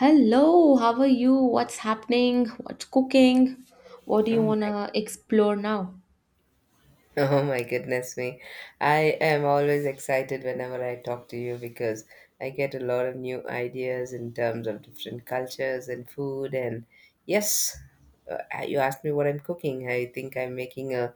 Hello, how are you? What's happening? What's cooking? What do Oh you want my, to explore now? oh my goodness me. I am always excited whenever I talk to you because I get a lot of new ideas in terms of different cultures and food. And yes, you asked me what I'm cooking. I think I'm making a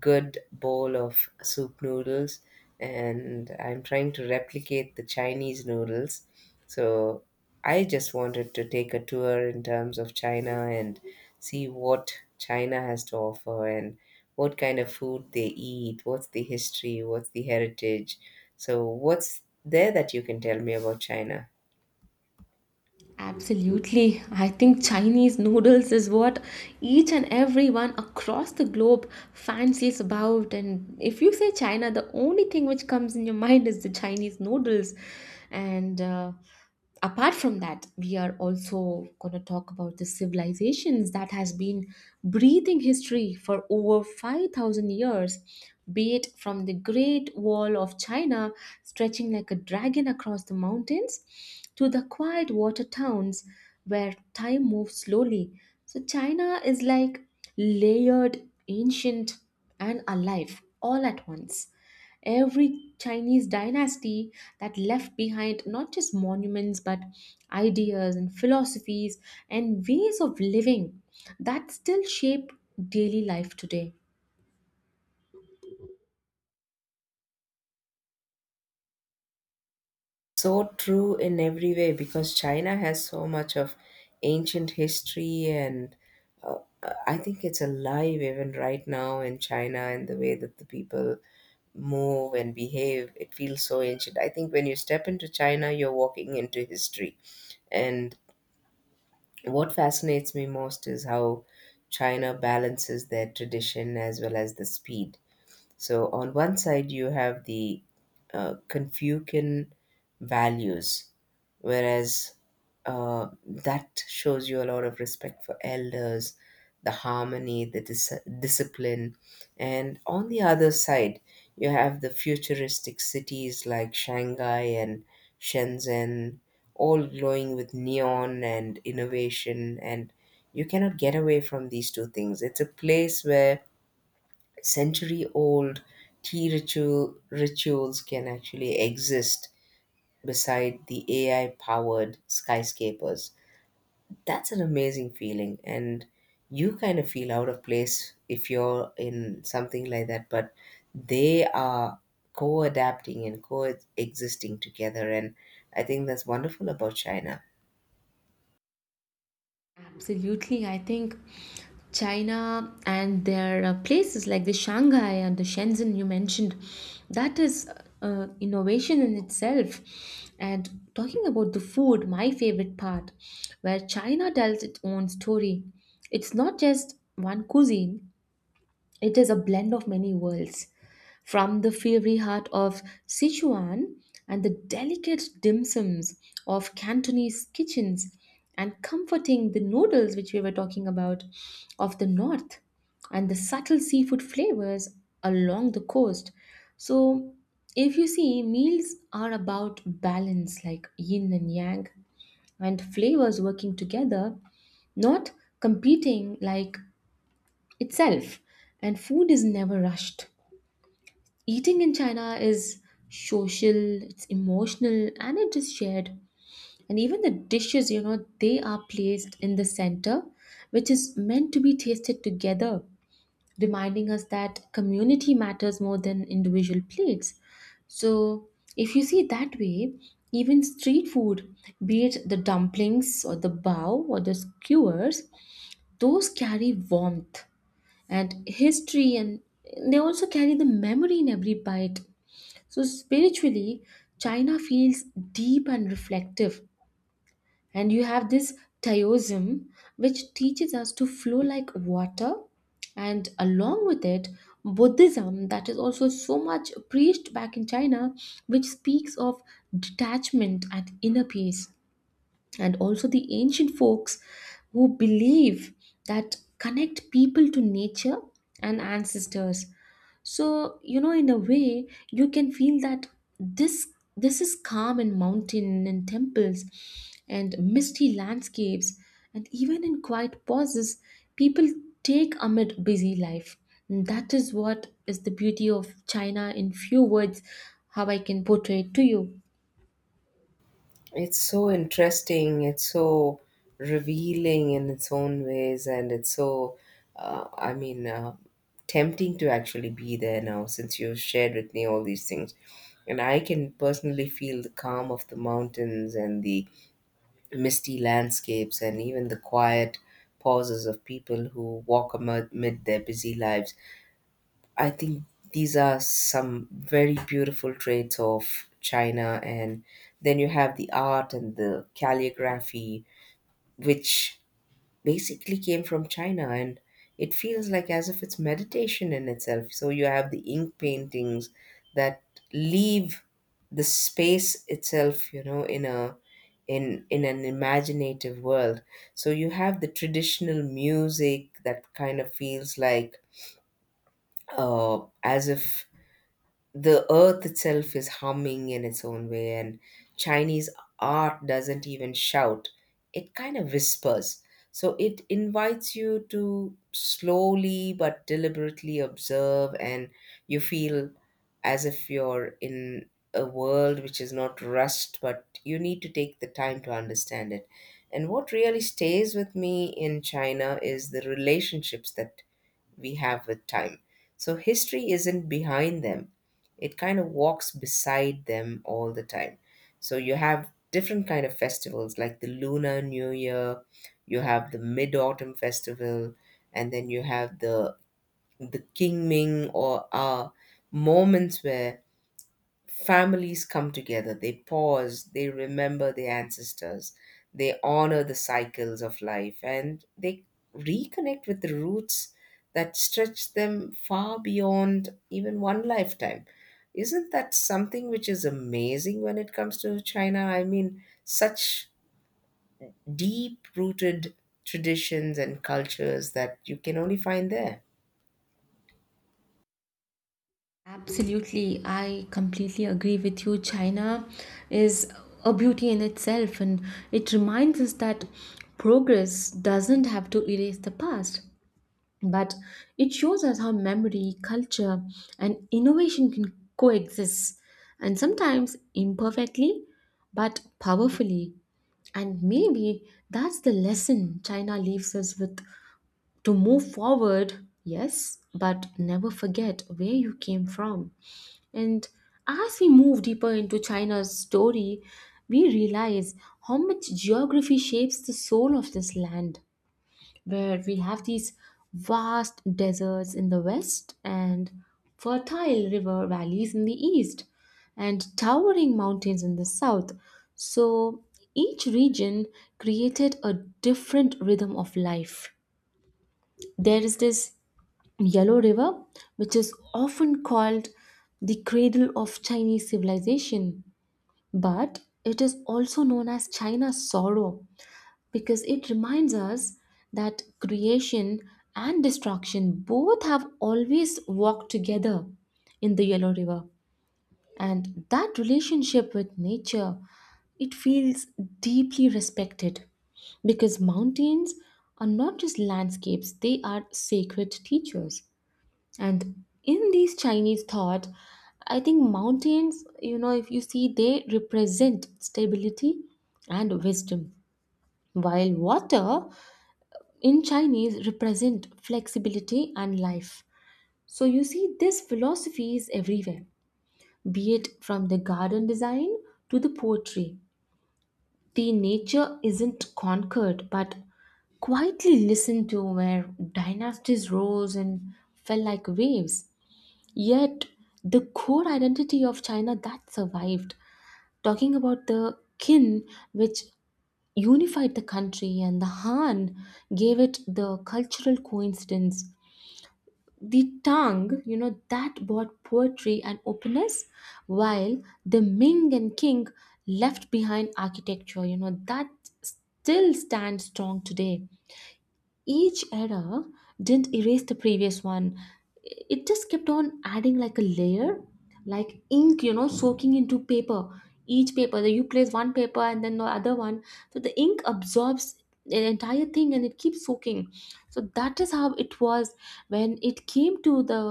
good bowl of soup noodles and I'm trying to replicate the Chinese noodles. So I just wanted to take a tour in terms of China and see what China has to offer and what kind of food they eat, what's the history, what's the heritage. So, what's there that you can tell me about China? Absolutely. I think Chinese noodles is what each and everyone across the globe fancies about. And if you say China, the only thing which comes in your mind is the Chinese noodles. And Apart from that, we are also going to talk about the civilizations that has been breathing history for over 5,000 years. Be it from the Great Wall of China stretching like a dragon across the mountains to the quiet water towns where time moves slowly. So China is like layered, ancient, and alive all at once. Every Chinese dynasty that left behind not just monuments but ideas and philosophies and ways of living that still shape daily life today. So true in every way because China has so much of ancient history and uh, I think it's alive even right now in China and the way that the people move and behave. It feels so ancient. I think when you step into China, you're walking into history. And what fascinates me most is how China balances their tradition as well as the speed. So on one side, you have the Confucian values, whereas that shows you a lot of respect for elders, the harmony, the discipline. And on the other side, you have the futuristic cities like Shanghai and Shenzhen, all glowing with neon and innovation. And you cannot get away from these two things. It's a place where century old tea rituals can actually exist beside the AI powered skyscrapers. That's an amazing feeling and you kind of feel out of place if you're in something like that, but they are co adapting and co existing together and I think that's wonderful about China. Absolutely. I think China and their places like the Shanghai and the Shenzhen you mentioned, that is innovation in itself. And talking about the food, my favorite part, where China tells its own story. It's not just one cuisine, it is a blend of many worlds, from the fiery heart of Sichuan and the delicate dim sums of Cantonese kitchens, and comforting the noodles which we were talking about of the north, and the subtle seafood flavors along the coast. So, if you see, meals are about balance, like yin and yang, and flavors working together, not competing like itself. And food is never rushed. Eating in China is social, it's emotional, and it is shared. And even the dishes, you know, they are placed in the center, which is meant to be tasted together, reminding us that community matters more than individual plates. So if you see it that way, even street food, be it the dumplings or the bao or the skewers, those carry warmth and history, and they also carry the memory in every bite. So spiritually, China feels deep and reflective, and you have this Taoism, which teaches us to flow like water, and along with it Buddhism, that is also so much preached back in China, which speaks of detachment and inner peace. And also the ancient folks who believe that connect people to nature and ancestors. So, you know, in a way you can feel that this this is calm in mountain and temples and misty landscapes, and even in quiet pauses people take amid busy life. And that is what is the beauty of China in few words, how I can portray it to you. It's so interesting. It's so revealing in its own ways, and it's so, I mean, tempting to actually be there now since you've shared with me all these things. And I can personally feel the calm of the mountains and the misty landscapes and even the quiet pauses of people who walk amid their busy lives. I think these are some very beautiful traits of China. And then you have the art and the calligraphy, which basically came from China. And it feels like as if it's meditation in itself. So you have the ink paintings that leave the space itself in a in in an imaginative world. So you have the traditional music that kind of feels like as if the earth itself is humming in its own way, and Chinese art doesn't even shout, it kind of whispers. So it invites you to slowly but deliberately observe, and you feel as if you're in a world which is not rushed but you need to take the time to understand it. And what really stays with me in China is the relationships that we have with time. So history isn't behind them, it kind of walks beside them all the time. So you have different kind of festivals like the Lunar New Year, you have the Mid Autumn Festival, and then you have the Qingming or moments where families come together, they pause, they remember their ancestors, they honor the cycles of life, and they reconnect with the roots that stretch them far beyond even one lifetime. Isn't that something which is amazing when it comes to China? I mean, such deep rooted traditions and cultures that you can only find there. Absolutely, I completely agree with you. China is a beauty in itself, and it reminds us that progress doesn't have to erase the past, but it shows us how memory, culture, and innovation can coexist, and sometimes imperfectly, but powerfully. And maybe that's the lesson China leaves us with, to move forward, yes, but never forget where you came from. And as we move deeper into China's story, we realize how much geography shapes the soul of this land, where we have these vast deserts in the west, and fertile river valleys in the east, and towering mountains in the south. So each region created a different rhythm of life. There is this Yellow River, which is often called the cradle of Chinese civilization, but it is also known as China's sorrow, because it reminds us that creation and destruction both have always walked together in the Yellow River. And that relationship with nature, it feels deeply respected, because mountains are not just landscapes, they are sacred teachers. And in these Chinese thought, I think mountains, you know, if you see, they represent stability and wisdom, while water in Chinese represent flexibility and life. So you see, this philosophy is everywhere, be it from the garden design to the poetry. The nature isn't conquered, but quietly listened to, where dynasties rose and fell like waves. Yet, the core identity of China that survived, talking about the Qin, which unified the country, and the Han gave it the cultural coincidence. The Tang, you know, that brought poetry and openness, while the Ming and Qing left behind architecture, you know, that still stands strong today. Each era didn't erase the previous one, it just kept on adding like a layer, like ink, you know, soaking into paper. Each paper that you place, one paper and then the other one, so the ink absorbs the entire thing and it keeps soaking. So that is how it was, when it came to the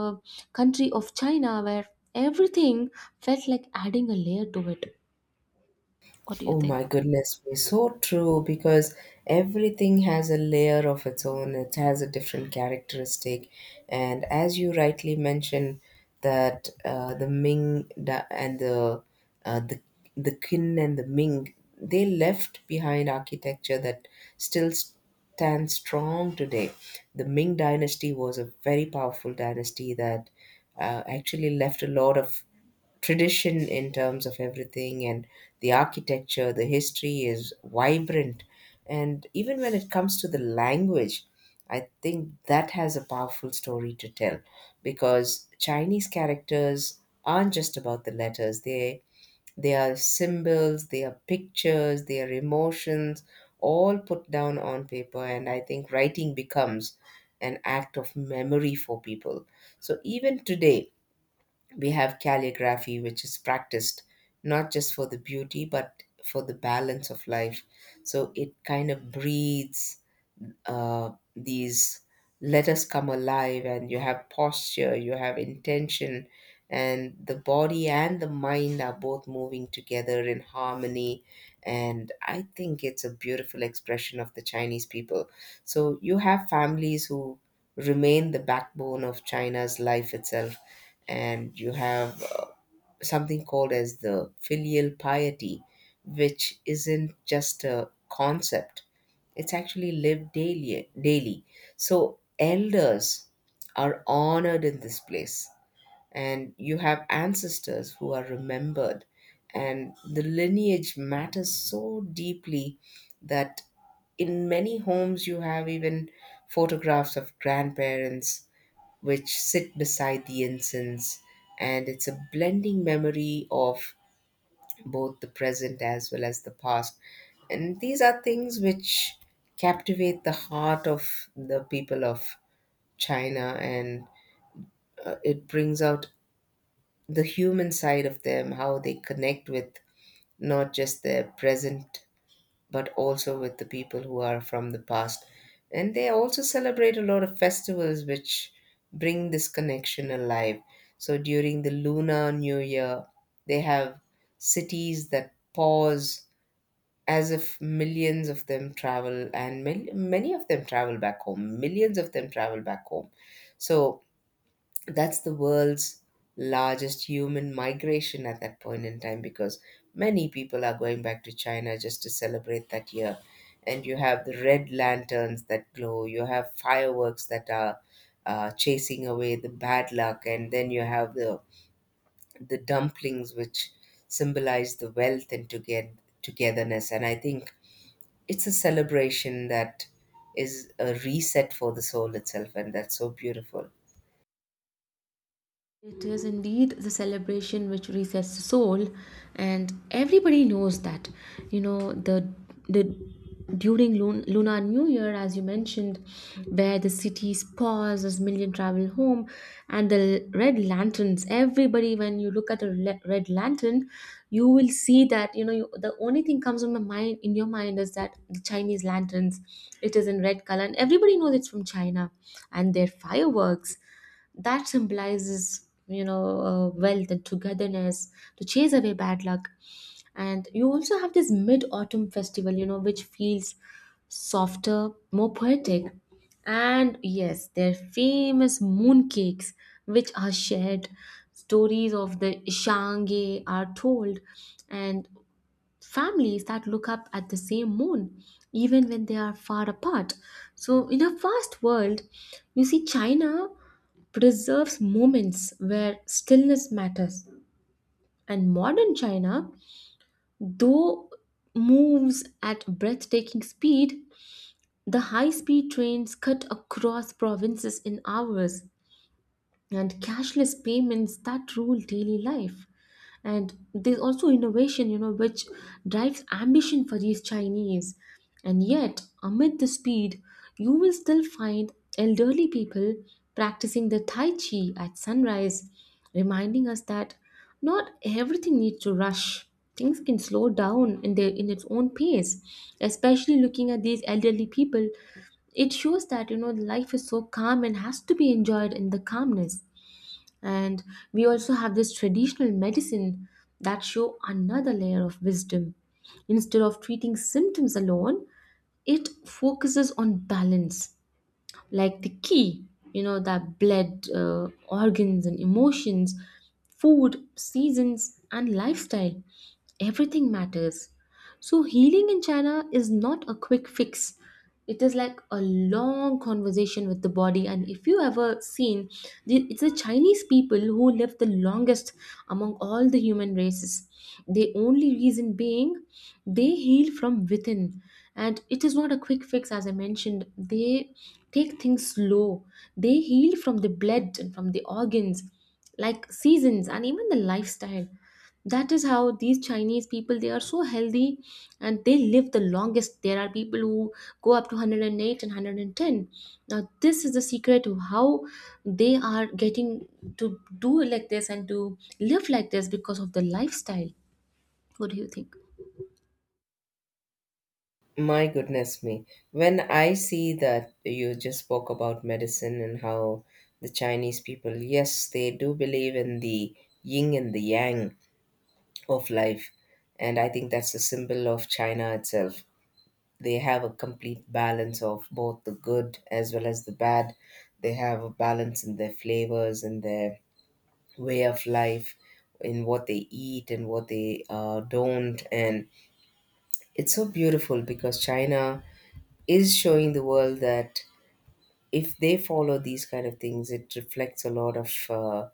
country of China, where everything felt like adding a layer to it. What do you Oh think? my goodness me, so true because everything has a layer of its own, it has a different characteristic. And as you rightly mentioned, that uh, the the Qin and the Ming, they left behind architecture that still stands strong today. The Ming dynasty was a very powerful dynasty that actually left a lot of tradition in terms of everything, and the architecture, the history is vibrant. And even when it comes to the language, I think that has a powerful story to tell because Chinese characters aren't just about the letters, they are symbols, they are pictures, they are emotions, all put down on paper. And I think writing becomes an act of memory for people. So even today we have calligraphy, which is practiced not just for the beauty but for the balance of life. So it kind of breathes, these let us come alive, and you have posture, you have intention, and the body and the mind are both moving together in harmony. And I think it's a beautiful expression of the Chinese people. So you have families who remain the backbone of China's life itself. And you have something called as the filial piety, which isn't just a concept, it's actually lived daily. So elders are honored in this place, and you have ancestors who are remembered, and the lineage matters so deeply that in many homes you have even photographs of grandparents which sit beside the incense, and it's a blending memory of both the present as well as the past. And these are things which captivate the heart of the people of China, and it brings out the human side of them, how they connect with not just their present but also with the people who are from the past. And they also celebrate a lot of festivals which bring this connection alive. So during the Lunar New Year, they have cities that pause as if millions of them travel, and many, many of them travel back home, so that's the world's largest human migration at that point in time because many people are going back to China just to celebrate that year. And you have the red lanterns that glow, you have fireworks that are chasing away the bad luck, and then you have the dumplings which symbolize the wealth and togetherness. And I think it's a celebration that is a reset for the soul itself, and that's so beautiful. It is indeed the celebration which resets the soul, and everybody knows that. You know, the during Lunar New Year, as you mentioned, where the cities pause as million travel home, and the red lanterns. Everybody, when you look at a red lantern, you will see that, you know, you, the only thing comes on my mind in your mind is that the Chinese lanterns. It is in red color, and everybody knows it's from China, and their fireworks that symbolizes, you know, wealth and togetherness, to chase away bad luck. And you also have this Mid Autumn Festival, you know, which feels softer, more poetic, and yes, their famous mooncakes, which are shared. Stories of the Shange are told, and families that look up at the same moon even when they are far apart. So in a fast world, you see China preserves moments where stillness matters. And modern China, though, moves at breathtaking speed, the high speed trains cut across provinces in hours, and cashless payments that rule daily life. And there's also innovation, you know, which drives ambition for these Chinese. And yet, amid the speed, you will still find elderly people practicing the tai chi at sunrise, reminding us that not everything needs to rush, things can slow down in their in its own pace. Especially looking at these elderly people, it shows that, you know, life is so calm and has to be enjoyed in the calmness. And we also have this traditional medicine that show another layer of wisdom. Instead of treating symptoms alone, it focuses on balance, like the key, you know, that bled organs and emotions, food, seasons, and lifestyle. Everything matters. So, healing in China is not a quick fix. It is like a long conversation with the body. And if you ever seen, it's the Chinese people who live the longest among all the human races. The only reason being, they heal from within, and it is not a quick fix. As I mentioned, they take things slow, they heal from the blood and from the organs, like seasons and even the lifestyle. That is how these Chinese people, they are so healthy, and they live the longest. There are people who go up to 108 and 110. Now this is the secret of how they are getting to do like this and to live like this, because of the lifestyle. What do you think? My goodness me, when I see that you just spoke about medicine and how the Chinese people, yes they do believe in the yin and the yang of life. And I think that's a symbol of China itself, they have a complete balance of both the good as well as the bad. They have a balance in their flavors and their way of life, in what they eat and what they don't. And it's so beautiful because China is showing the world that if they follow these kind of things, it reflects a lot of uh,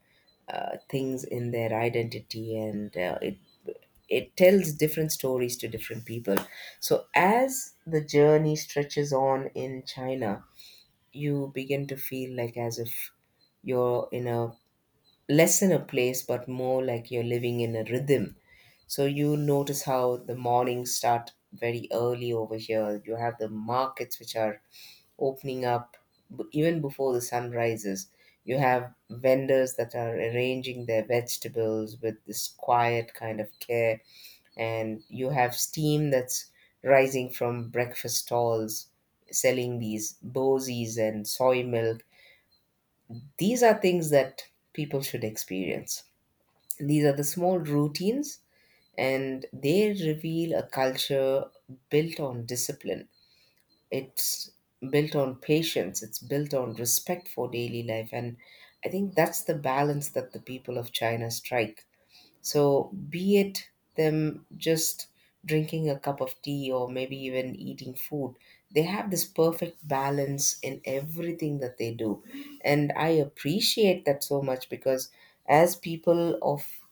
uh, things in their identity, and it tells different stories to different people. So as the journey stretches on in China, you begin to feel like as if you're in a less in a place but more like you're living in a rhythm. So you notice how the mornings start very early over here, you have the markets which are opening up, even before the sun rises. You have vendors that are arranging their vegetables with this quiet kind of care, and you have steam that's rising from breakfast stalls selling these bozies and soy milk. These are things that people should experience, these are the small routines, and they reveal a culture built on discipline. It's built on patience, it's built on respect for daily life. And I think that's the balance that the people of China strike. So, be it them just drinking a cup of tea or maybe even eating food, they have this perfect balance in everything that they do. And I appreciate that so much because as people of,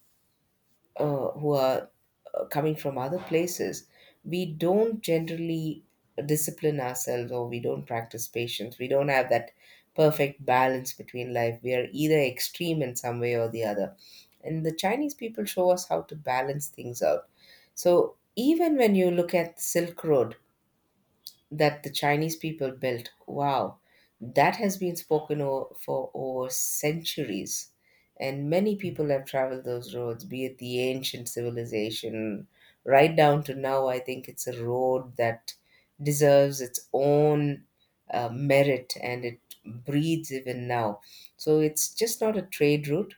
who are coming from other places, we don't generally discipline ourselves or we don't practice patience. We don't have that perfect balance between life. We are either extreme in some way or the other. And the Chinese people show us how to balance things out. So even when you look at Silk Road, that the Chinese people built. Wow, that has been spoken for over centuries. And many people have traveled those roads, be it the ancient civilization, right down to now. I think it's a road that deserves its own merit, and it breathes even now. So it's just not a trade route,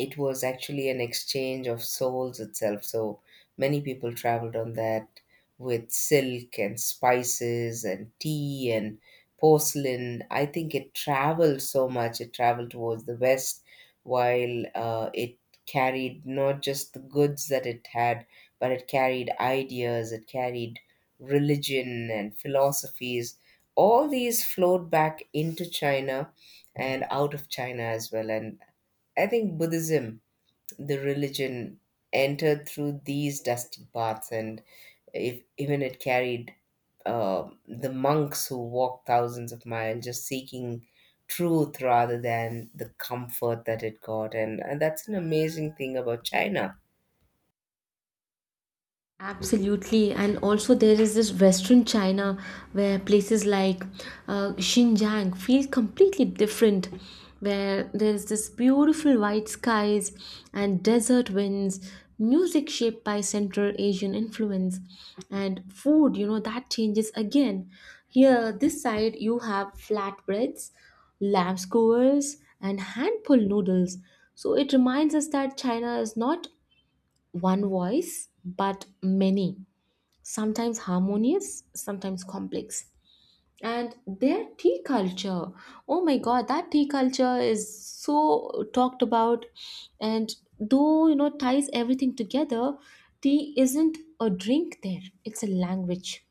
it was actually an exchange of souls itself. So many people traveled on that with silk and spices and tea and porcelain. I think it traveled so much. It traveled towards the west, while it carried not just the goods that it had, but it carried ideas, it carried religion and philosophies. All these flowed back into China and out of China as well. And I think Buddhism the religion entered through these dusty paths, and if even it carried the monks who walked thousands of miles just seeking truth rather than the comfort that it got, and that's an amazing thing about China. Absolutely, and also there is this Western China where places like Xinjiang feel completely different, where there is this beautiful white skies and desert winds, music shaped by Central Asian influence, and food. You know that changes again. Here, this side you have flatbreads, lamb skewers, and hand pulled noodles. So it reminds us that China is not one voice, but many, sometimes harmonious, sometimes complex. And their tea culture, oh my god, that tea culture is so talked about. And though, you know, ties everything together, tea isn't a drink there, it's a language.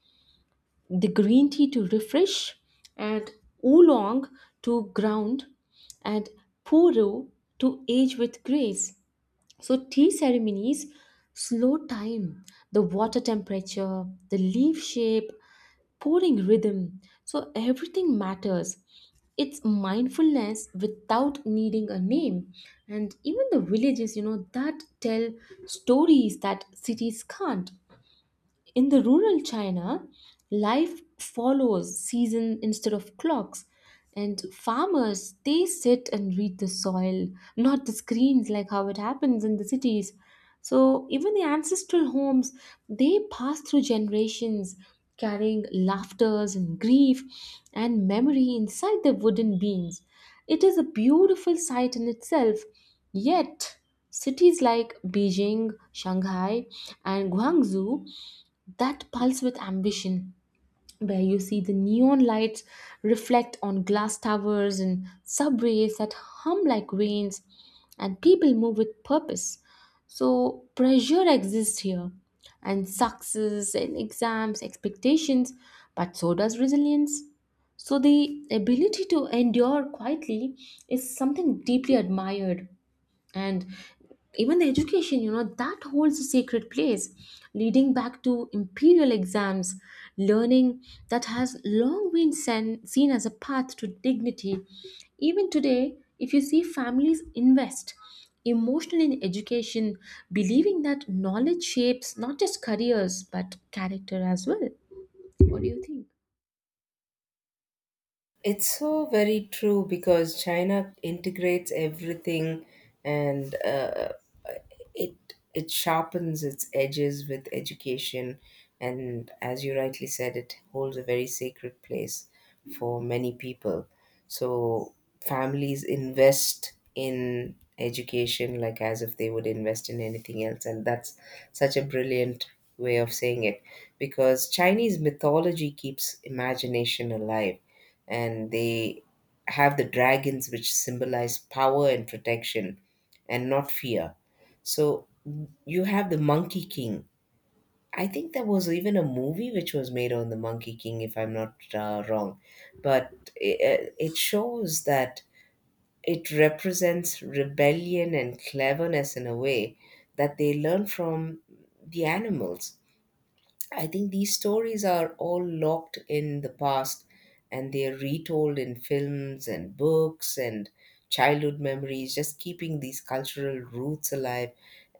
The green tea to refresh, and oolong to ground, and puru to age with grace. So, tea ceremonies slow time, the water temperature, the leaf shape, pouring rhythm. So, everything matters. It's mindfulness without needing a name. And even the villages, you know, that tell stories that cities can't. In the rural China, life follows season instead of clocks. And farmers, they sit and read the soil, not the screens like how it happens in the cities. So even the ancestral homes, they pass through generations, carrying laughters and grief and memory inside their wooden beams. It is a beautiful sight in itself. Yet, cities like Beijing, Shanghai, and Guangzhou that pulse with ambition, where you see the neon lights reflect on glass towers, and subways that hum like veins, and people move with purpose. So pressure exists here, and success and exams expectations, but so does resilience. So the ability to endure quietly is something deeply admired. And even the education, you know, that holds a sacred place, leading back to imperial exams, learning that has long been seen as a path to dignity. Even today, if you see, families invest emotionally in education, believing that knowledge shapes not just careers but character as well. What do you think? It's so very true because China integrates everything and it it sharpens its edges with education, and as you rightly said, it holds a very sacred place for many people. So families invest in education like as if they would invest in anything else, and that's such a brilliant way of saying it because Chinese mythology keeps imagination alive, and they have the dragons, which symbolize power and protection and not fear. So you have the Monkey King. I think there was even a movie which was made on the Monkey King, if I'm not wrong. But it shows that it represents rebellion and cleverness in a way that they learn from the animals. I think these stories are all locked in the past, and they're retold in films and books and childhood memories, just keeping these cultural roots alive.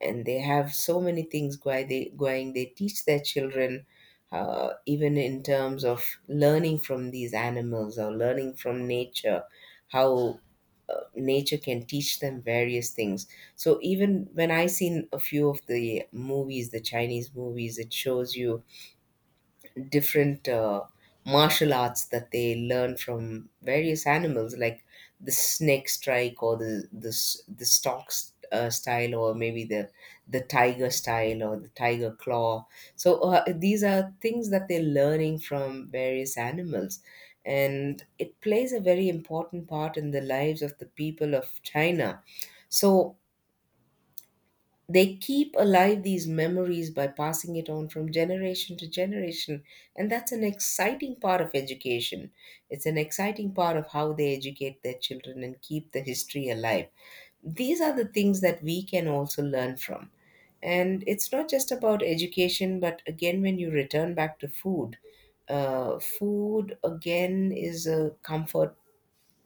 And they have so many things going. They teach their children, even in terms of learning from these animals or learning from nature, how nature can teach them various things. So even when I seen a few of the movies, the Chinese movies, it shows you different martial arts that they learn from various animals, like the snake strike, or the style, or maybe the tiger style or the tiger claw. So these are things that they're learning from various animals, and it plays a very important part in the lives of the people of China. So they keep alive these memories by passing it on from generation to generation. And that's an exciting part of education. It's an exciting part of how they educate their children and keep the history alive. These are the things that we can also learn from. And it's not just about education, but again, when you return back to food, food again is a comfort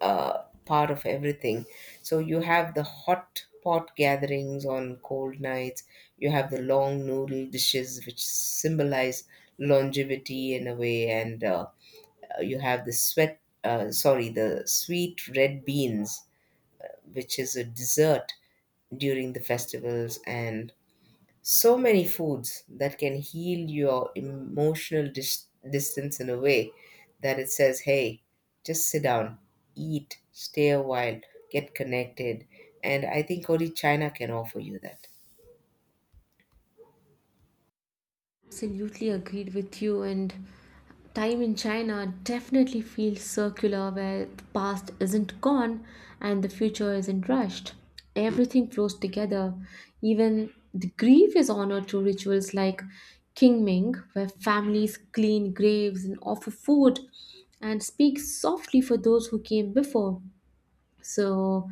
part of everything. So you have the hot pot gatherings on cold nights. You have the long noodle dishes, which symbolize longevity in a way, and you have the sweat. Sorry, the sweet red beans, which is a dessert during the festivals, and so many foods that can heal your emotional distance in a way that it says, hey, just sit down, eat, stay a while, get connected. And I think only China can offer you that. Absolutely agreed with you. And time in China definitely feels circular, where the past isn't gone and the future isn't rushed. Everything flows together. Even the grief is honored through rituals like Qingming, where families clean graves and offer food and speak softly for those who came before. So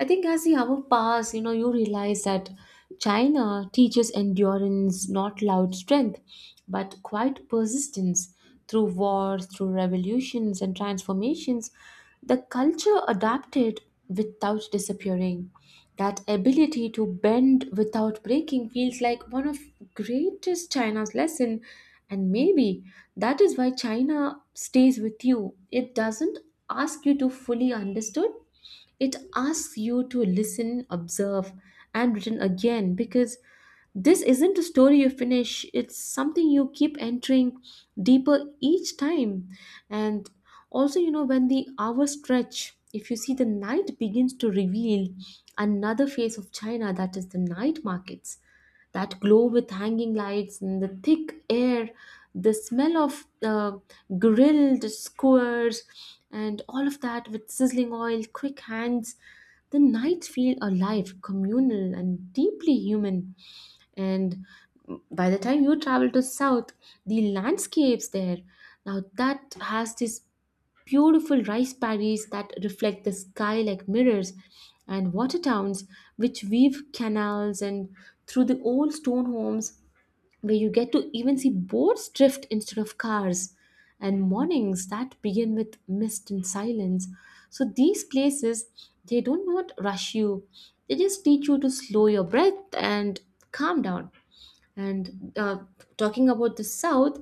I think as the hour pass, you realize that China teaches endurance, not loud strength, but quiet persistence through wars, through revolutions and transformations. The culture adapted without disappearing. That ability to bend without breaking feels like one of greatest China's lesson. And maybe that is why China stays with you. It doesn't ask you to fully understood, it asks you to listen, observe, and return again, because this isn't a story you finish, it's something you keep entering deeper each time. And also, when the hours stretch, if you see the night begins to reveal another face of China, that is the night markets that glow with hanging lights and the thick air, the smell of grilled skewers, and all of that with sizzling oil, quick hands. The nights feel alive, communal, and deeply human. And by the time you travel to south, the landscapes there now that has this beautiful rice paddies that reflect the sky like mirrors, and water towns which weave canals and through the old stone homes where you get to even see boats drift instead of cars, and mornings that begin with mist and silence. So these places, they do not rush you, they just teach you to slow your breath and calm down. And talking about the South,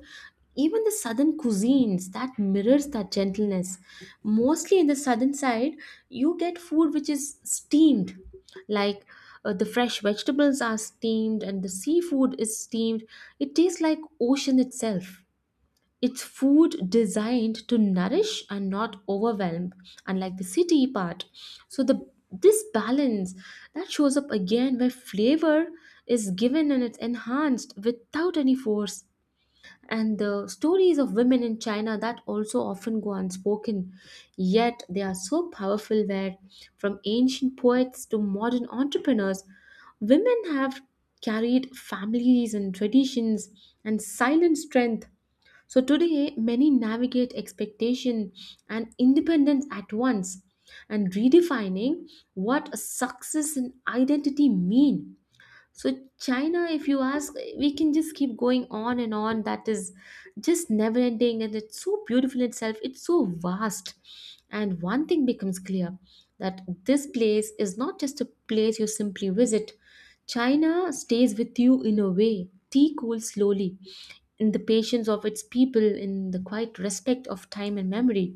even the southern cuisines that mirrors that gentleness. Mostly in the southern side, you get food which is steamed, like, the fresh vegetables are steamed and the seafood is steamed. It tastes like ocean itself. It's food designed to nourish and not overwhelm, unlike the city part. So the this balance that shows up again where flavor is given and it's enhanced without any force, and the stories of women in China that also often go unspoken, yet they are so powerful where from ancient poets to modern entrepreneurs, women have carried families and traditions and silent strength. So today many navigate expectation and independence at once and redefining what success and identity mean. So, China, if you ask, we can just keep going on and on. That is just never ending, and it's so beautiful in itself. It's so vast. And one thing becomes clear that this place is not just a place you simply visit, China stays with you in a way. Tea cools slowly in the patience of its people, in the quiet respect of time and memory.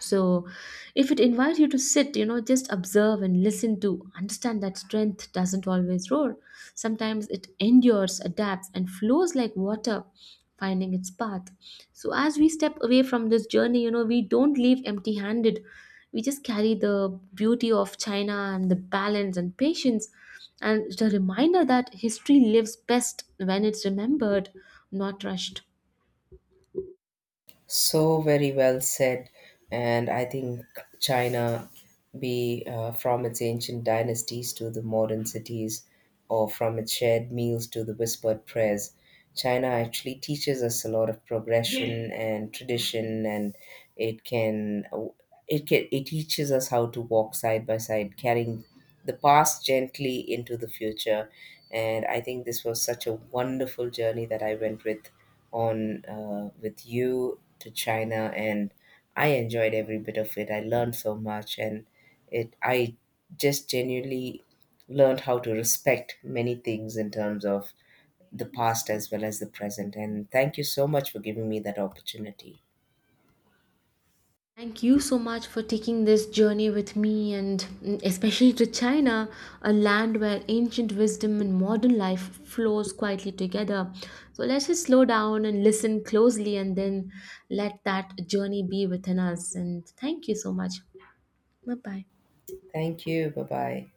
So if it invites you to sit, just observe and listen to understand that strength doesn't always roar, sometimes it endures, adapts, and flows like water finding its path. So as we step away from this journey, we don't leave empty handed, we just carry the beauty of china and the balance and patience, and the reminder that history lives best when it's remembered, not rushed. So very well said. And I think China, be from its ancient dynasties to the modern cities, or from its shared meals to the whispered prayers, China actually teaches us a lot of progression and tradition, and it can it teaches us how to walk side by side, carrying the past gently into the future. And I think this was such a wonderful journey that I went with on with you to China, and I enjoyed every bit of it. I learned so much, and it I just genuinely learned how to respect many things in terms of the past as well as the present. And thank you so much for giving me that opportunity. Thank you so much for taking this journey with me, and mm, especially to China, a land where ancient wisdom and modern life flows quietly together. So let's just slow down and listen closely, and then let that journey be within us. And thank you so much. Bye bye. Thank you. Bye bye.